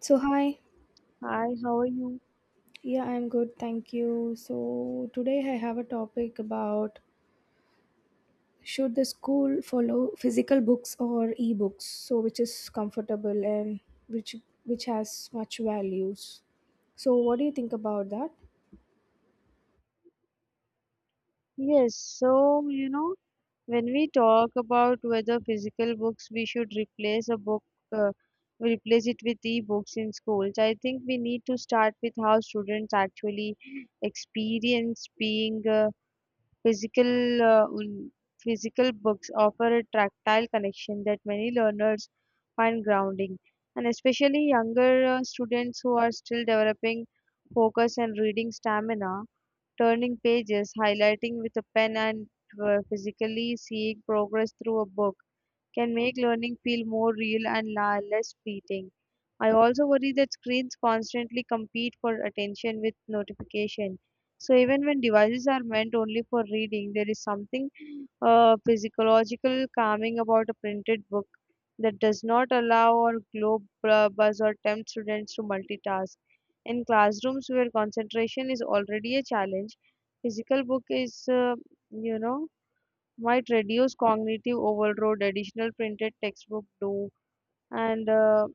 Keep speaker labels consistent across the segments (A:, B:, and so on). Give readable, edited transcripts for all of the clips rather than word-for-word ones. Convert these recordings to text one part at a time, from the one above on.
A: So, hi.
B: Hi, how are you?
A: Yeah, I'm good. Thank you. So, today I have a topic about should the school follow physical books or e-books? So, which is comfortable and which which has much values. So, what do you think about that?
B: Yes, when we talk about whether physical books we should replace a book, uh, replace it with e-books in schools, I think we need to start with how students actually experience being physical. Physical books offer a tactile connection that many learners find grounding, and especially younger students who are still developing focus and reading stamina. Turning pages, highlighting with a pen, and physically seeing progress through a book can make learning feel more real and less fleeting. I also worry that screens constantly compete for attention with notification. So even when devices are meant only for reading, there is something physiological calming about a printed book that does not allow or globe buzz or tempt students to multitask. In classrooms where concentration is already a challenge, physical book is, you know, might reduce cognitive overload additional printed textbook do and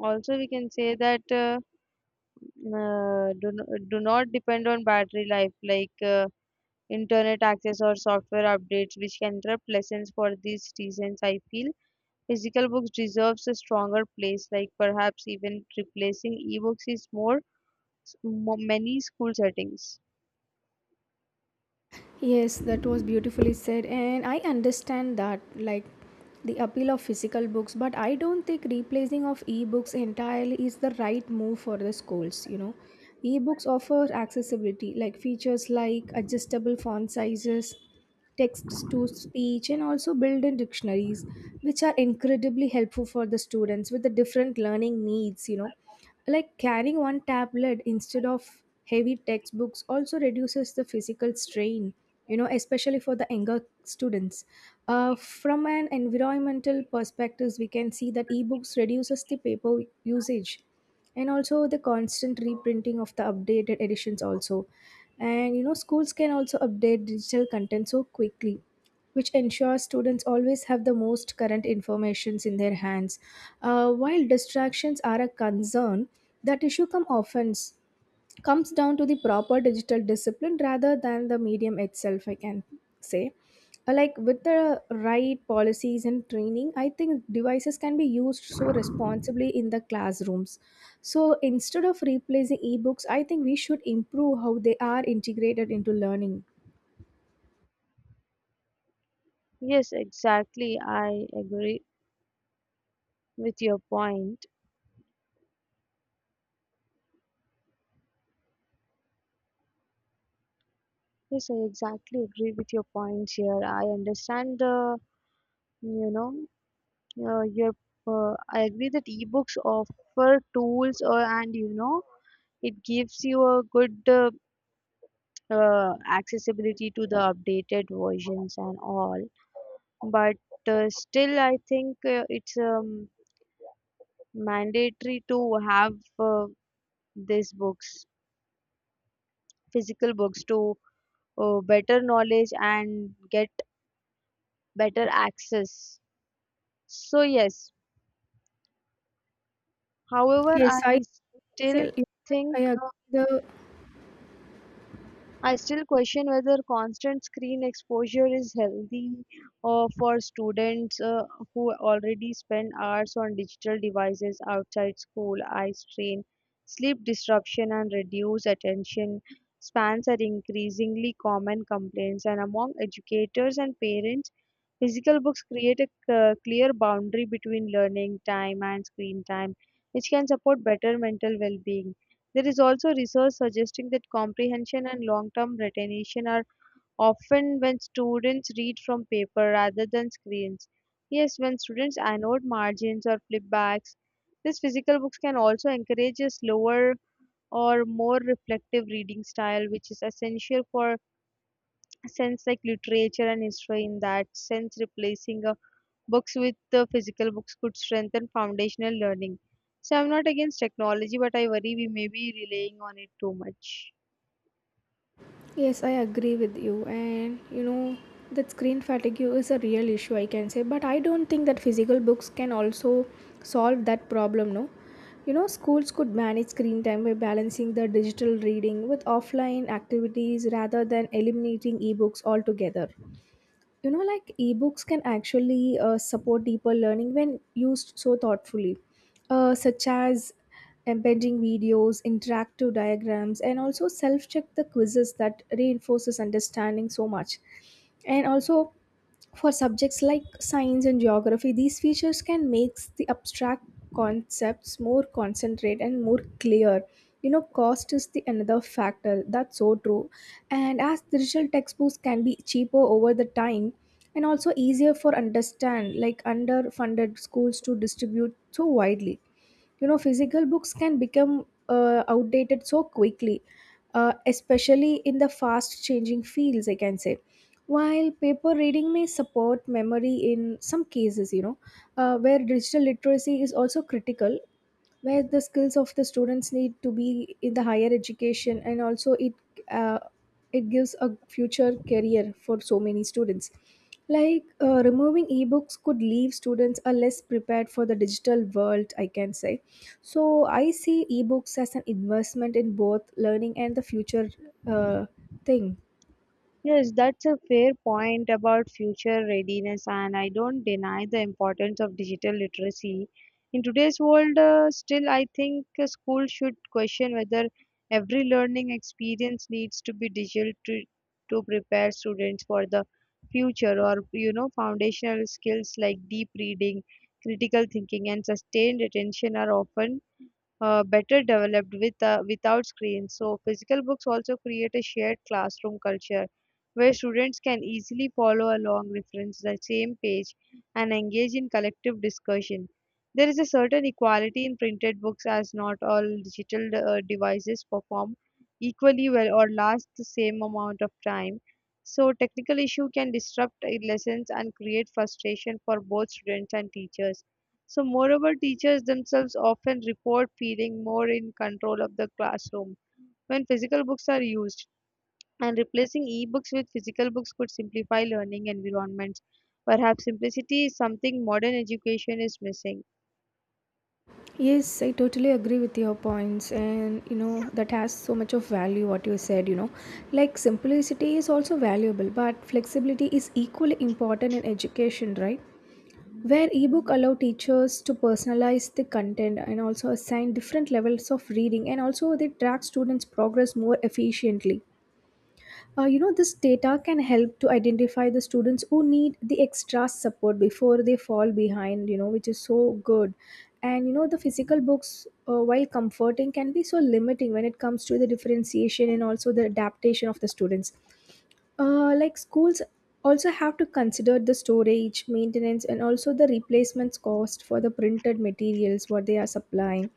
B: also we can say that do not depend on battery life like internet access or software updates which can interrupt lessons. For these reasons, I feel physical books deserves a stronger place, like perhaps even replacing ebooks is more many school settings.
A: Yes, that was beautifully said, and I understand that, like the appeal of physical books, but I don't think replacing of ebooks entirely is the right move for the schools. Ebooks offer accessibility, like features like adjustable font sizes, text to speech, and also built in dictionaries, which are incredibly helpful for the students with the different learning needs, like carrying one tablet instead of heavy textbooks also reduces the physical strain, especially for the younger students. From an environmental perspective, we can see that ebooks reduces the paper usage and also the constant reprinting of the updated editions also. And schools can also update digital content so quickly, which ensures students always have the most current informations in their hands. While distractions are a concern, that issue come often comes down to the proper digital discipline rather than the medium itself, I can say. Like with the right policies and training, I think devices can be used so responsibly in the classrooms. So instead of replacing ebooks, I think we should improve how they are integrated into learning.
B: Yes, exactly, I agree with your point. Yes, I exactly agree with your points here. I understand the, you know, uh, your, I agree that ebooks offer tools or and, it gives you a good accessibility to the updated versions and all. But still, I think it's mandatory to have these books, physical books, to better knowledge and get better access. So, yes. However,
A: Yes,
B: I
A: I so,
B: still think
A: I agree the.
B: I still question whether constant screen exposure is healthy for students who already spend hours on digital devices outside school. Eye strain, sleep disruption, and reduced attention spans are increasingly common complaints, and among educators and parents. Physical books create a clear boundary between learning time and screen time, which can support better mental well being. There is also research suggesting that comprehension and long term retention are often when students read from paper rather than screens. Yes, when students annotate margins or flipbacks, these physical books can also encourage a slower or more reflective reading style, which is essential for sense like literature and history. In that sense, replacing books with the physical books could strengthen foundational learning, so I'm not against technology, but I worry we may be relying on it too much.
A: Yes, I agree with you. And that screen fatigue is a real issue, I can say. But I don't think that physical books can also solve that problem, no? Schools could manage screen time by balancing the digital reading with offline activities rather than eliminating ebooks altogether. Like ebooks can actually support deeper learning when used so thoughtfully, such as embedding videos, interactive diagrams, and also self check the quizzes that reinforces understanding so much. And also for subjects like science and geography, these features can make the abstract concepts more concentrate and more clear. Cost is the another factor, that's so true, and as digital textbooks can be cheaper over the time and also easier for understand like underfunded schools to distribute so widely. Physical books can become outdated so quickly, especially in the fast changing fields, I can say. While paper reading may support memory in some cases, where digital literacy is also critical, where the skills of the students need to be in the higher education, and also uh, it gives a future career for so many students. Like removing ebooks could leave students are less prepared for the digital world, I can say. So I see ebooks as an investment in both learning and the future. uh, Thing.
B: Yes, that's a fair point about future readiness, and I don't deny the importance of digital literacy. In today's world, still, I think school should question whether every learning experience needs to be digital to prepare students for the future, or you know, foundational skills like deep reading, critical thinking, and sustained attention are often better developed with, without screens. So, physical books also create a shared classroom culture where students can easily follow along, reference the same page, and engage in collective discussion. There is a certain equality in printed books, as not all digital devices perform equally well or last the same amount of time. So, technical issue can disrupt lessons and create frustration for both students and teachers. So, moreover, teachers themselves often report feeling more in control of the classroom when physical books are used, and replacing e books with physical books could simplify learning environments. Perhaps simplicity is something modern education is missing.
A: Yes, I totally agree with your points, and that has so much of value what you said. Like simplicity is also valuable, but flexibility is equally important in education, right? Where ebook allow teachers to personalize the content and also assign different levels of reading, and also they track students' progress more efficiently. This data can help to identify the students who need the extra support before they fall behind, which is so good. And the physical books, while comforting, can be so limiting when it comes to the differentiation and also the adaptation of the students. Like schools also have to consider the storage, maintenance, and also the replacements cost for the printed materials what they are supplying.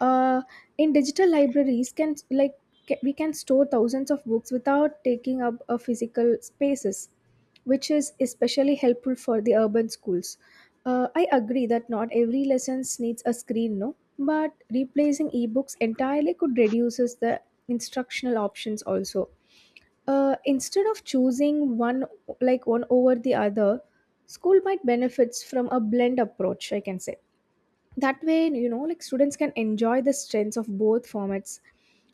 A: uh, in digital libraries we can store thousands of books without taking up a physical spaces, which is especially helpful for the urban schools. I agree that not every lessons needs a screen, no, but replacing ebooks entirely could reduces the instructional options also. Instead of choosing one over the other, school might benefits from a blend approach, I can say. That way, like students can enjoy the strengths of both formats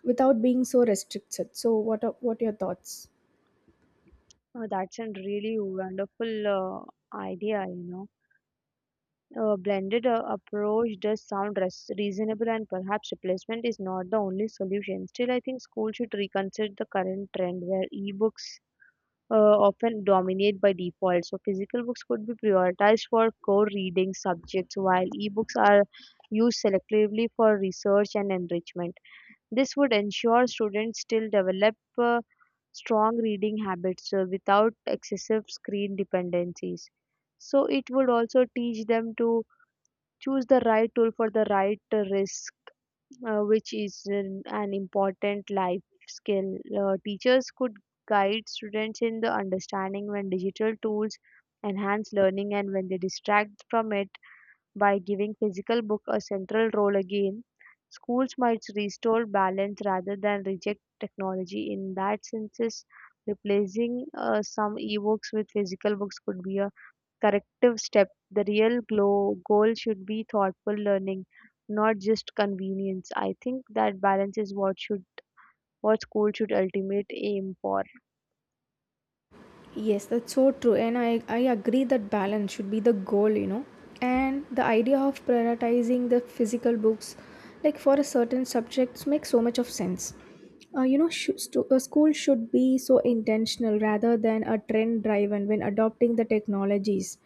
A: without being so restricted. So what are your thoughts?
B: Oh, that's a really wonderful idea, you know. A blended approach does sound reasonable, and perhaps replacement is not the only solution. Still, I think school should reconsider the current trend where e-books uh, often dominate by default. So, physical books could be prioritized for core reading subjects, while ebooks are used selectively for research and enrichment. This would ensure students still develop uh, strong reading habits without excessive screen dependencies. So, it would also teach them to choose the right tool for the right risk, which is an important life skill. Teachers could guide students in the understanding when digital tools enhance learning and when they distract from it by giving physical book a central role again. Schools might restore balance rather than reject technology in that sense. Replacing some ebooks with physical books could be a corrective step, the real goal should be thoughtful learning, not just convenience. I think that balance is what should what school should ultimate aim for.
A: Yes, that's so true. And I agree that balance should be the goal. And the idea of prioritizing the physical books, like for a certain subjects, makes so much of sense. School should be so intentional rather than a trend driven when adopting the technologies.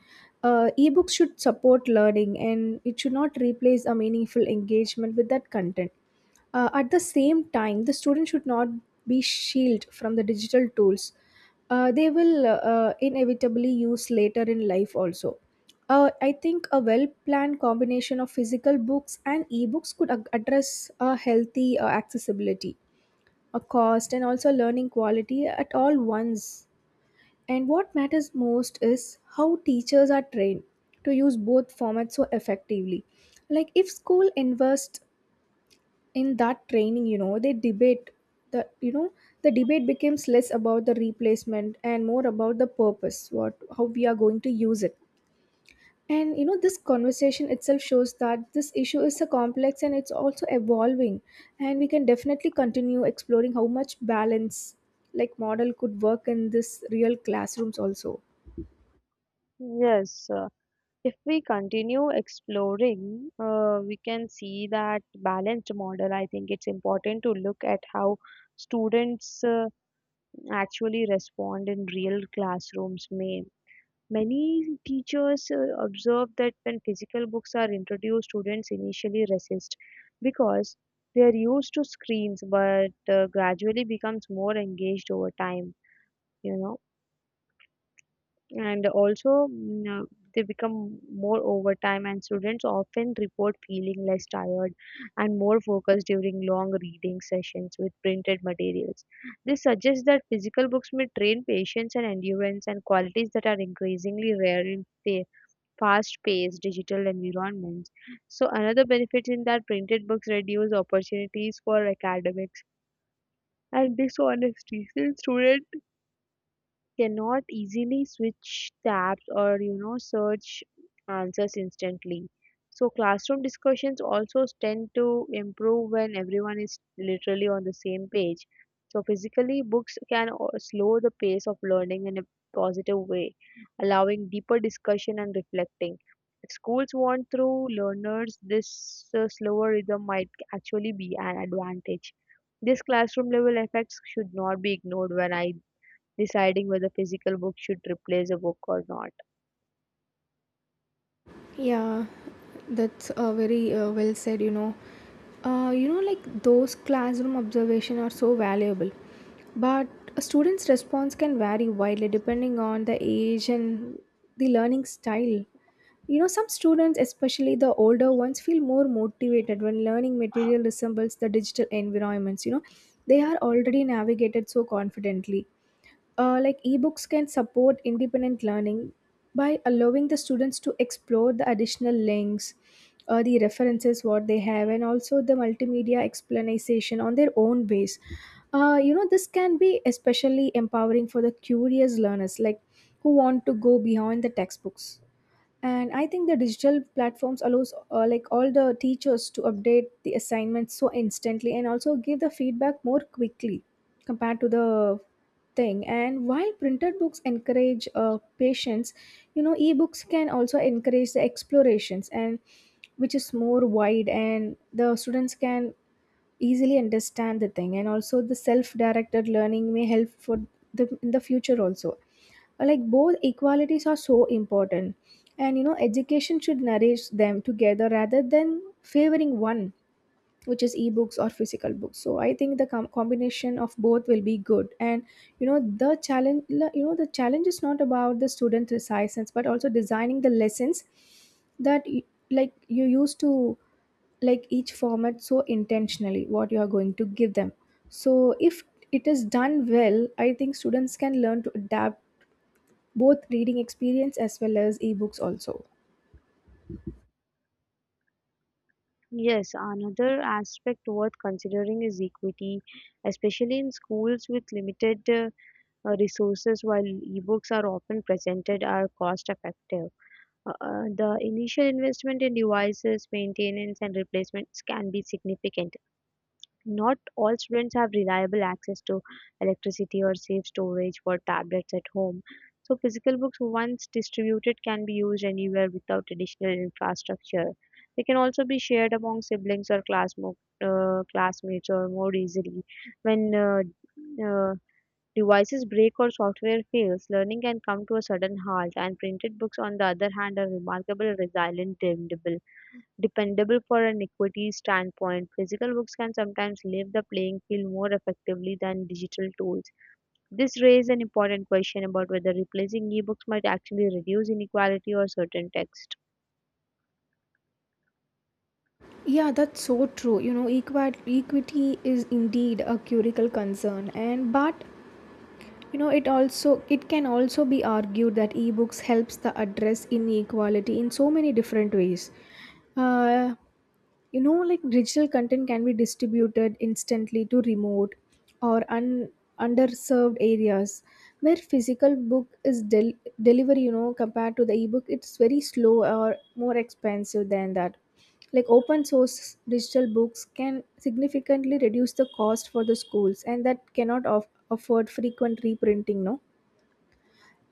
A: Ebooks should support learning and it should not replace a meaningful engagement with that content. At the same time, the student should not be shielded from the digital tools. They will inevitably use later in life also. I think a well planned combination of physical books and ebooks could address a healthy accessibility, a cost, and also learning quality at all once. And what matters most is how teachers are trained to use both formats so effectively. Like if school invests in that training, the you know the debate becomes less about the replacement and more about the purpose, what how we are going to use it. And this conversation itself shows that this issue is a complex and it's also evolving. And we can definitely continue exploring how much balance like model could work in this real classrooms also.
B: Yes, if we continue exploring, we can see that balanced model. I think it's important to look at how students actually respond in real classrooms. May Many teachers observe that when physical books are introduced, students initially resist because they are used to screens, but gradually becomes more engaged over time, you know, and also they become more over time, and students often report feeling less tired and more focused during long reading sessions with printed materials. This suggests that physical books may train patience and endurance and qualities that are increasingly rare in the fast-paced digital environments. So another benefit in that printed books reduce opportunities for academics and dishonesty. Since students cannot easily switch tabs or you know search answers instantly, so classroom discussions also tend to improve when everyone is literally on the same page, so physically books can slow the pace of learning in a positive way, allowing deeper discussion and reflecting. If schools want through learners, this slower rhythm might actually be an advantage. This classroom level effects should not be ignored when I deciding whether physical books should replace a book or not.
A: Yeah, that's very well said. Like those classroom observation are so valuable, but a student's response can vary widely depending on the age and the learning style. Some students, especially the older ones, feel more motivated when learning material resembles the digital environments. They are already navigated so confidently. Like ebooks can support independent learning by allowing the students to explore the additional links, the references what they have and also the multimedia explanation on their own base. This can be especially empowering for the curious learners like who want to go beyond the textbooks. And I think the digital platforms allows like all the teachers to update the assignments so instantly and also give the feedback more quickly compared to the thing. And while printed books encourage patience, ebooks can also encourage the explorations and which is more wide, and the students can easily understand the thing. And also the self-directed learning may help for the in the future also. Like both equalities are so important, and education should nourish them together rather than favoring one, which is ebooks or physical books. So I think the combination of both will be good. And the challenge is not about the student resistance but also designing the lessons that like you used to like each format so intentionally, what you are going to give them. So if it is done well, I think students can learn to adapt both reading experience as well as ebooks also.
B: Yes, another aspect worth considering is equity, especially in schools with limited resources. While ebooks are often presented are cost effective, the initial investment in devices, maintenance, and replacements can be significant. Not all students have reliable access to electricity or safe storage for tablets at home. So, physical books, once distributed, can be used anywhere without additional infrastructure. They can also be shared among siblings or classmates or more easily. When devices break or software fails, learning can come to a sudden halt, and printed books, on the other hand, are remarkable, resilient, dependable. Dependable for an equity standpoint, physical books can sometimes leave the playing field more effectively than digital tools. This raises an important question about whether replacing ebooks might actually reduce inequality or certain texts.
A: Yeah, that's so true. Equity is indeed a curical concern, and but it can also be argued that ebooks helps the address inequality in so many different ways. Uh, like digital content can be distributed instantly to remote or underserved areas, where physical book is delivery, compared to the ebook it's very slow or more expensive than that. Like open source digital books can significantly reduce the cost for the schools and that cannot afford frequent reprinting, no.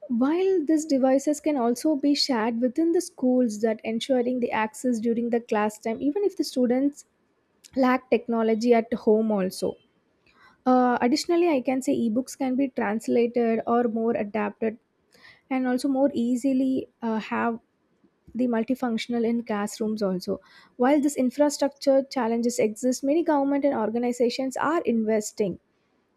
A: While these devices can also be shared within the schools, that ensuring the access during the class time, even if the students lack technology at home also. Additionally, I can say ebooks can be translated or more adapted and also more easily have the multifunctional in classrooms also. While this infrastructure challenges exist, many government and organizations are investing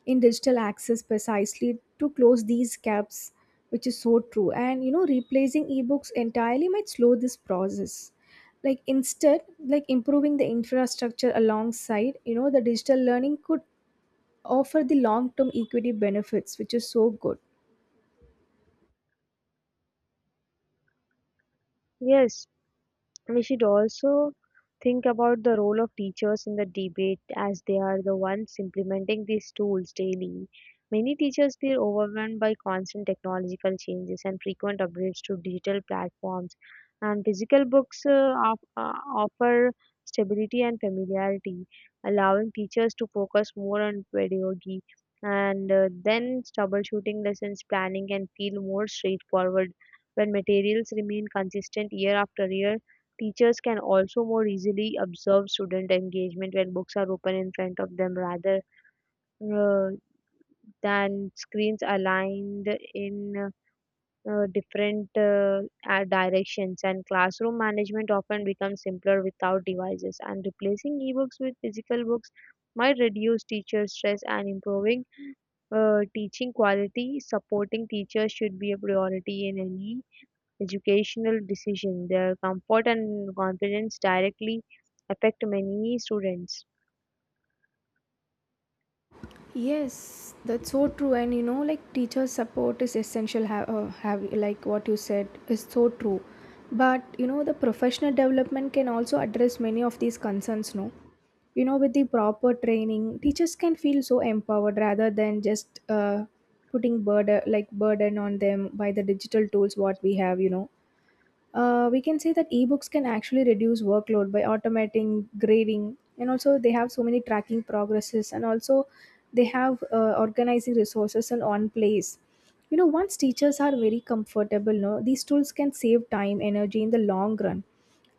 A: in digital access precisely to close these gaps, which is so true. And replacing ebooks entirely might slow this process, like instead like improving the infrastructure alongside, the digital learning could offer the long term equity benefits, which is so good.
B: Yes, we should also think about the role of teachers in the debate, as they are the ones implementing these tools daily. Many teachers feel overwhelmed by constant technological changes and frequent upgrades to digital platforms, and physical books offer stability and familiarity, allowing teachers to focus more on pedagogy and then troubleshooting lessons planning and feel more straightforward when materials remain consistent year after year. Teachers can also more easily observe student engagement when books are open in front of them rather uh, than screens aligned in different directions. And classroom management often becomes simpler without devices. And replacing ebooks with physical books might reduce teacher stress and improving teaching quality. Supporting teachers should be a priority in any educational decision. Their comfort and confidence directly affect many students.
A: Yes, that's so true. And like teacher support is essential. Have like what you said is so true. But the professional development can also address many of these concerns. No, with the proper training, teachers can feel so empowered rather than just putting burden on them by the digital tools what we have. We can say that ebooks can actually reduce workload by automating grading, and also they have so many tracking progresses, and also they have organizing resources in one place. You know, once teachers are very comfortable, no, these tools can save time, energy in the long run.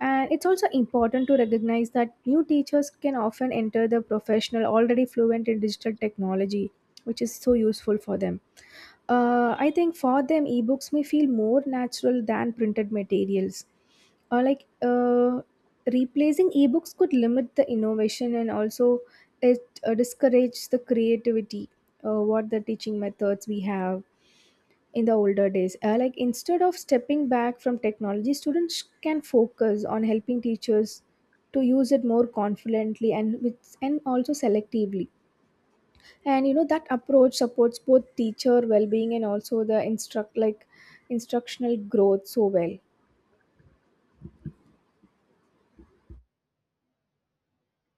A: And it's also important to recognize that new teachers can often enter the professional already fluent in digital technology, which is so useful for them. I think for them, ebooks may feel more natural than printed materials. Or like replacing ebooks could limit the innovation, and also it discourages the creativity. What the teaching methods we have in the older days. Like instead of stepping back from technology, students can focus on helping teachers to use it more confidently and with and also selectively. And you know that approach supports both teacher well-being and also the instructional growth so well.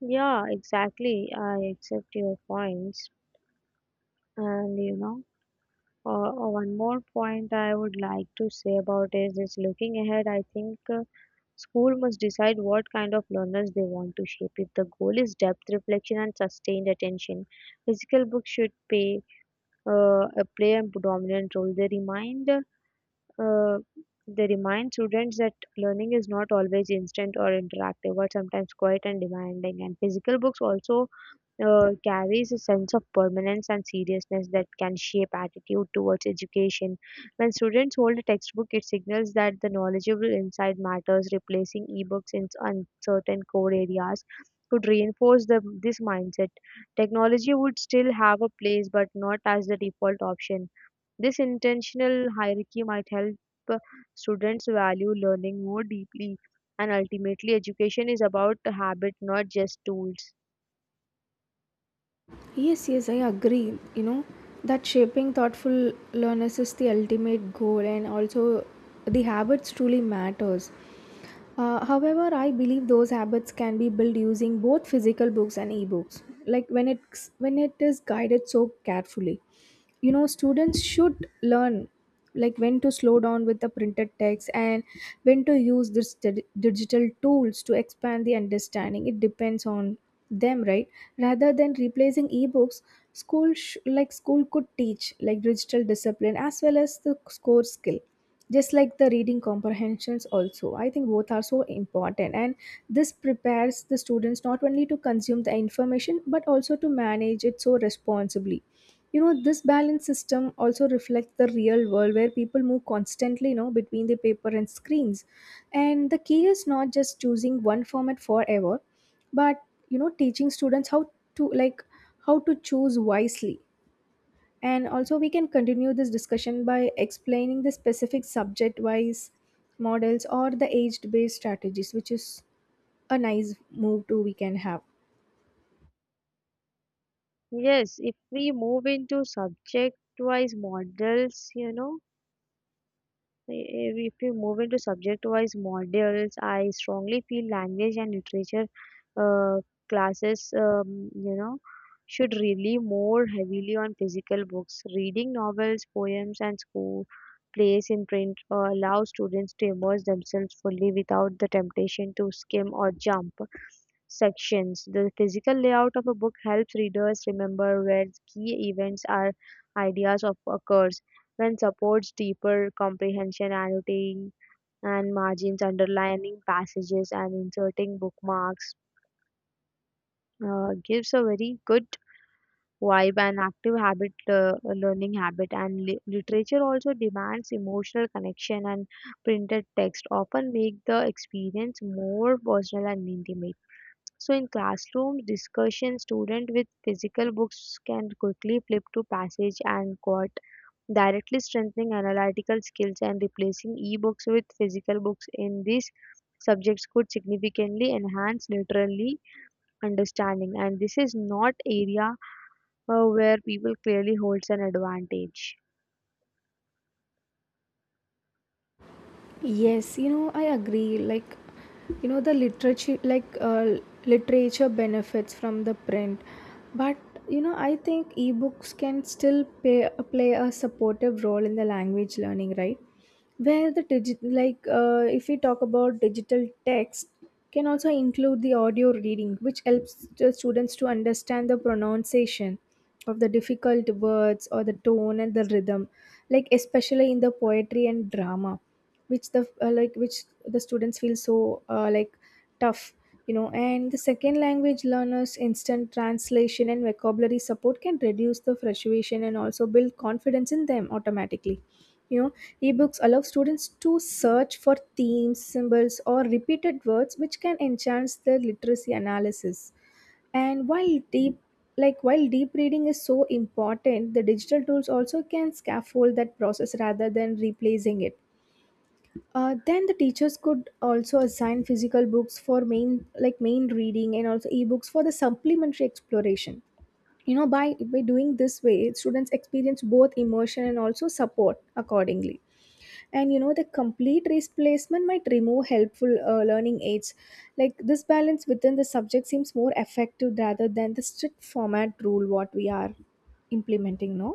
B: Yeah, exactly. I accept your points. And you know, one more point I would like to say about is looking ahead. I think school must decide what kind of learners they want to shape. If the goal is depth, reflection, and sustained attention, physical books should pay uh, play a predominant role. Uh, they remind students that learning is not always instant or interactive, but sometimes quiet and demanding. And physical books also carries a sense of permanence and seriousness that can shape attitude towards education. When students hold a textbook, it signals that the knowledgeable inside matters, replacing ebooks in uncertain core areas. Could reinforce the, this mindset. Technology would still have a place, but not as the default option. This intentional hierarchy might help uh, students value learning more deeply, and ultimately, education is about the habit, not just tools.
A: Yes, yes, I agree, you know, that shaping thoughtful learners is the ultimate goal, and also the habits truly matters. However, I believe those habits can be built using both physical books and ebooks, like when it is guided so carefully. You know, students should learn like when to slow down with the printed text and when to use this digital tools to expand the understanding. It depends on them, right? Rather than replacing ebooks, school could teach like digital discipline as well as the core skill, just like the reading comprehensions also. I think both are so important, and this prepares the students not only to consume the information but also to manage it so responsibly. You know, this balance system also reflects the real world, where people move constantly, you know, between the paper and screens. And the key is not just choosing one format forever, but, you know, teaching students how to how to choose wisely. And also we can continue this discussion by explaining the specific subject wise models or the age based strategies, which is a nice move too we can have.
B: Yes, if we move into subject wise models, you know. If we move into subject-wise modules, I strongly feel language and literature uh, classes, should rely more heavily on physical books. Reading novels, poems, and school plays in print allow students to immerse themselves fully without the temptation to skim or jump sections. The physical layout of a book helps readers remember where key events or ideas of occurs. When supports deeper comprehension, annotating and margins, underlining passages, and inserting bookmarks. Gives a very good vibe and active habit, learning habit. And literature also demands emotional connection, and printed text often make the experience more personal and intimate. So in classroom discussion, student with physical books can quickly flip to passage and quote, directly strengthening analytical skills and replacing e-books with physical books in these subjects could significantly enhance literary understanding. And this is not area where people clearly holds an advantage.
A: Yes, you know, I agree. You know, the literature, like, uh, literature benefits from the print, but, you know, I think ebooks can still play a supportive role in the language learning, right? Where the if we talk about digital text, can also include the audio reading, which helps the students to understand the pronunciation of the difficult words or the tone and the rhythm, like especially in the poetry and drama, which the which the students feel so tough. You know, and the second language learners, instant translation and vocabulary support can reduce the frustration and also build confidence in them automatically. You know, ebooks allow students to search for themes, symbols, or repeated words, which can enhance their literacy analysis. And while deep reading is so important, the digital tools also can scaffold that process rather than replacing it. Then the teachers could also assign physical books for main reading and also ebooks for the supplementary exploration. You know, by doing this way, students experience both immersion and also support accordingly. And you know the complete replacement might remove helpful learning aids, like this balance within the subject seems more effective rather than the strict format rule what we are implementing, no.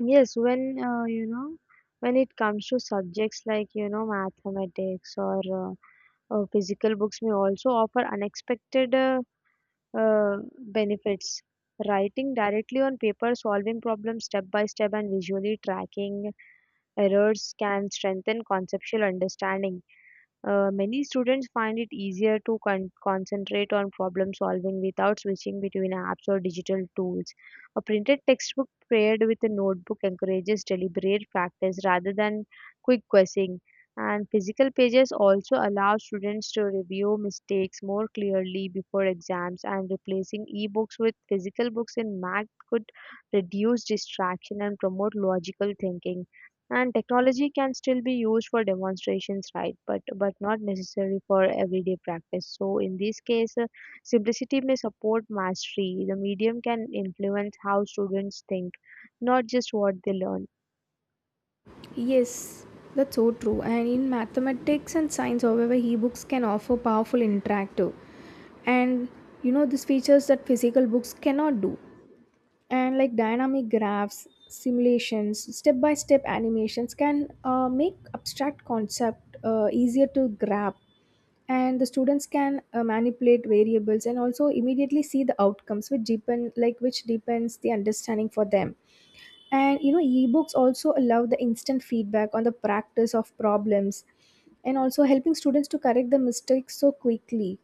B: Yes, when when it comes to subjects like you know mathematics or physical books may also offer unexpected benefits. Writing directly on paper, solving problems step by step, and visually tracking errors can strengthen conceptual understanding. Uh, many students find it easier to concentrate on problem solving without switching between apps or digital tools. A printed textbook paired with a notebook encourages deliberate practice rather than quick guessing. And physical pages also allow students to review mistakes more clearly before exams, and replacing ebooks with physical books in math could reduce distraction and promote logical thinking. And technology can still be used for demonstrations, right? But not necessary for everyday practice. So in this case, simplicity may support mastery. The medium can influence how students think, not just what they learn.
A: Yes, that's so true. And in mathematics and science, however, e-books can offer powerful interactive and, you know, these features that physical books cannot do. And like dynamic graphs, simulations, step-by-step animations can make abstract concept easier to grab. And the students can manipulate variables and also immediately see the outcomes, which deepens the understanding for them. And you know ebooks also allow the instant feedback on the practice of problems, and also helping students to correct the mistakes so quickly,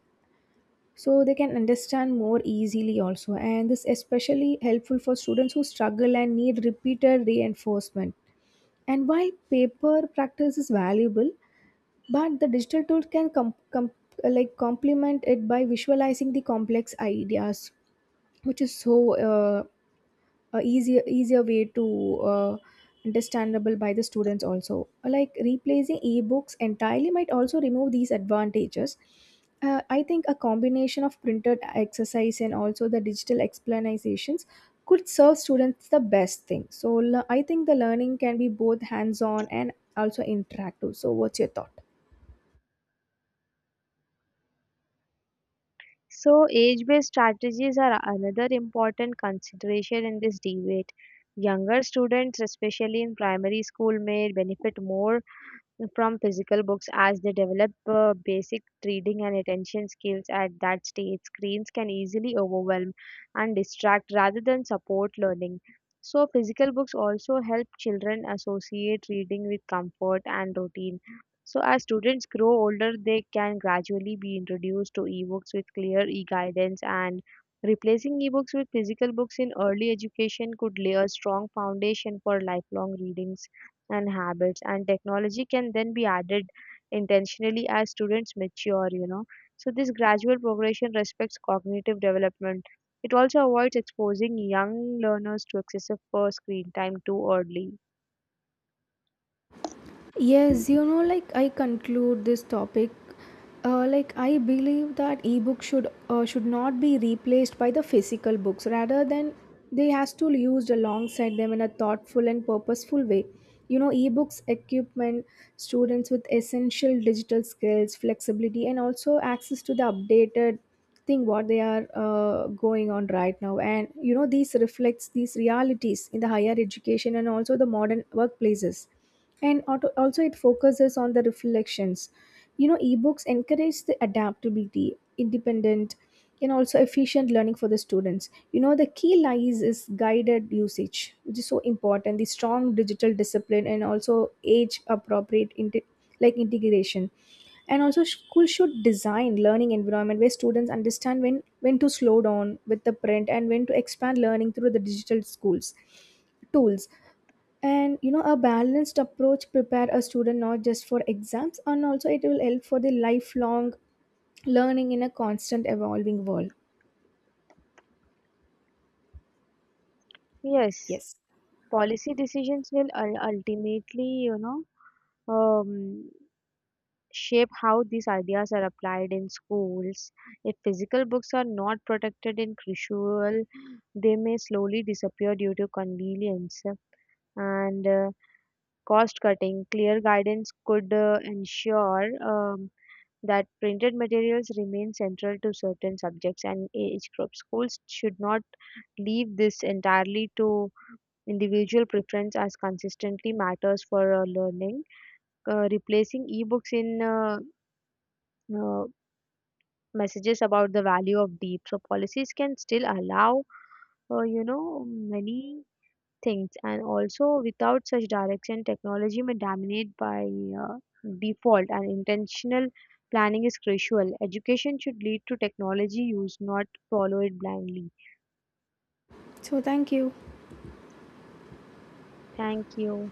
A: so they can understand more easily also. And this especially helpful for students who struggle and need repeated reinforcement. And while paper practice is valuable, but the digital tool can complement it by visualizing the complex ideas, which is so easier way to uh, understandable by the students also. Like replacing ebooks entirely might also remove these advantages. I think a combination of printed exercise and also the digital explanations could serve students the best thing. So I think the learning can be both hands on and also interactive. So what's your thought?
B: So age-based strategies are another important consideration in this debate. Younger students, especially in primary school, may benefit more from physical books, as they develop basic reading and attention skills. At that stage screens can easily overwhelm and distract rather than support learning, so physical books also help children associate reading with comfort and routine. So as students grow older, they can gradually be introduced to ebooks with clear e-guidance, and replacing ebooks with physical books in early education could lay a strong foundation for lifelong readings and habits, and technology can then be added intentionally as students mature, you know. So this gradual progression respects cognitive development. It also avoids exposing young learners to excessive screen time too early.
A: Yes, you know, like I conclude this topic, I believe that ebook should not be replaced by the physical books. Rather than they has to used alongside them in a thoughtful and purposeful way. You know, ebooks equipment students with essential digital skills, flexibility, and also access to the updated thing what they are going on right now. And you know, these reflects these realities in the higher education and also the modern workplaces. And also it focuses on the reflections. You know, ebooks encourage the adaptability, independent, and also efficient learning for the students. You know, the key lies is guided usage, which is so important: the strong digital discipline and also age appropriate integration. And also school should design learning environment where students understand when to slow down with the print and when to expand learning through the digital schools tools. And you know a balanced approach prepare a student not just for exams, and also it will help for the lifelong learning in a constant evolving world.
B: Yes,
A: Yes,
B: policy decisions will ultimately, um, shape how these ideas are applied in schools. If physical books are not protected in crucial, they may slowly disappear due to convenience and cost cutting. Clear guidance could ensure that printed materials remain central to certain subjects and age groups. Schools should not leave this entirely to individual preference as consistently matters for learning. Replacing ebooks in uh, messages about the value of deep. So policies can still allow, many things, and also without such direction technology may dominate by uh, default, and intentional planning is crucial. Education should lead to technology use, not follow it blindly.
A: so thank you.
B: Thank you.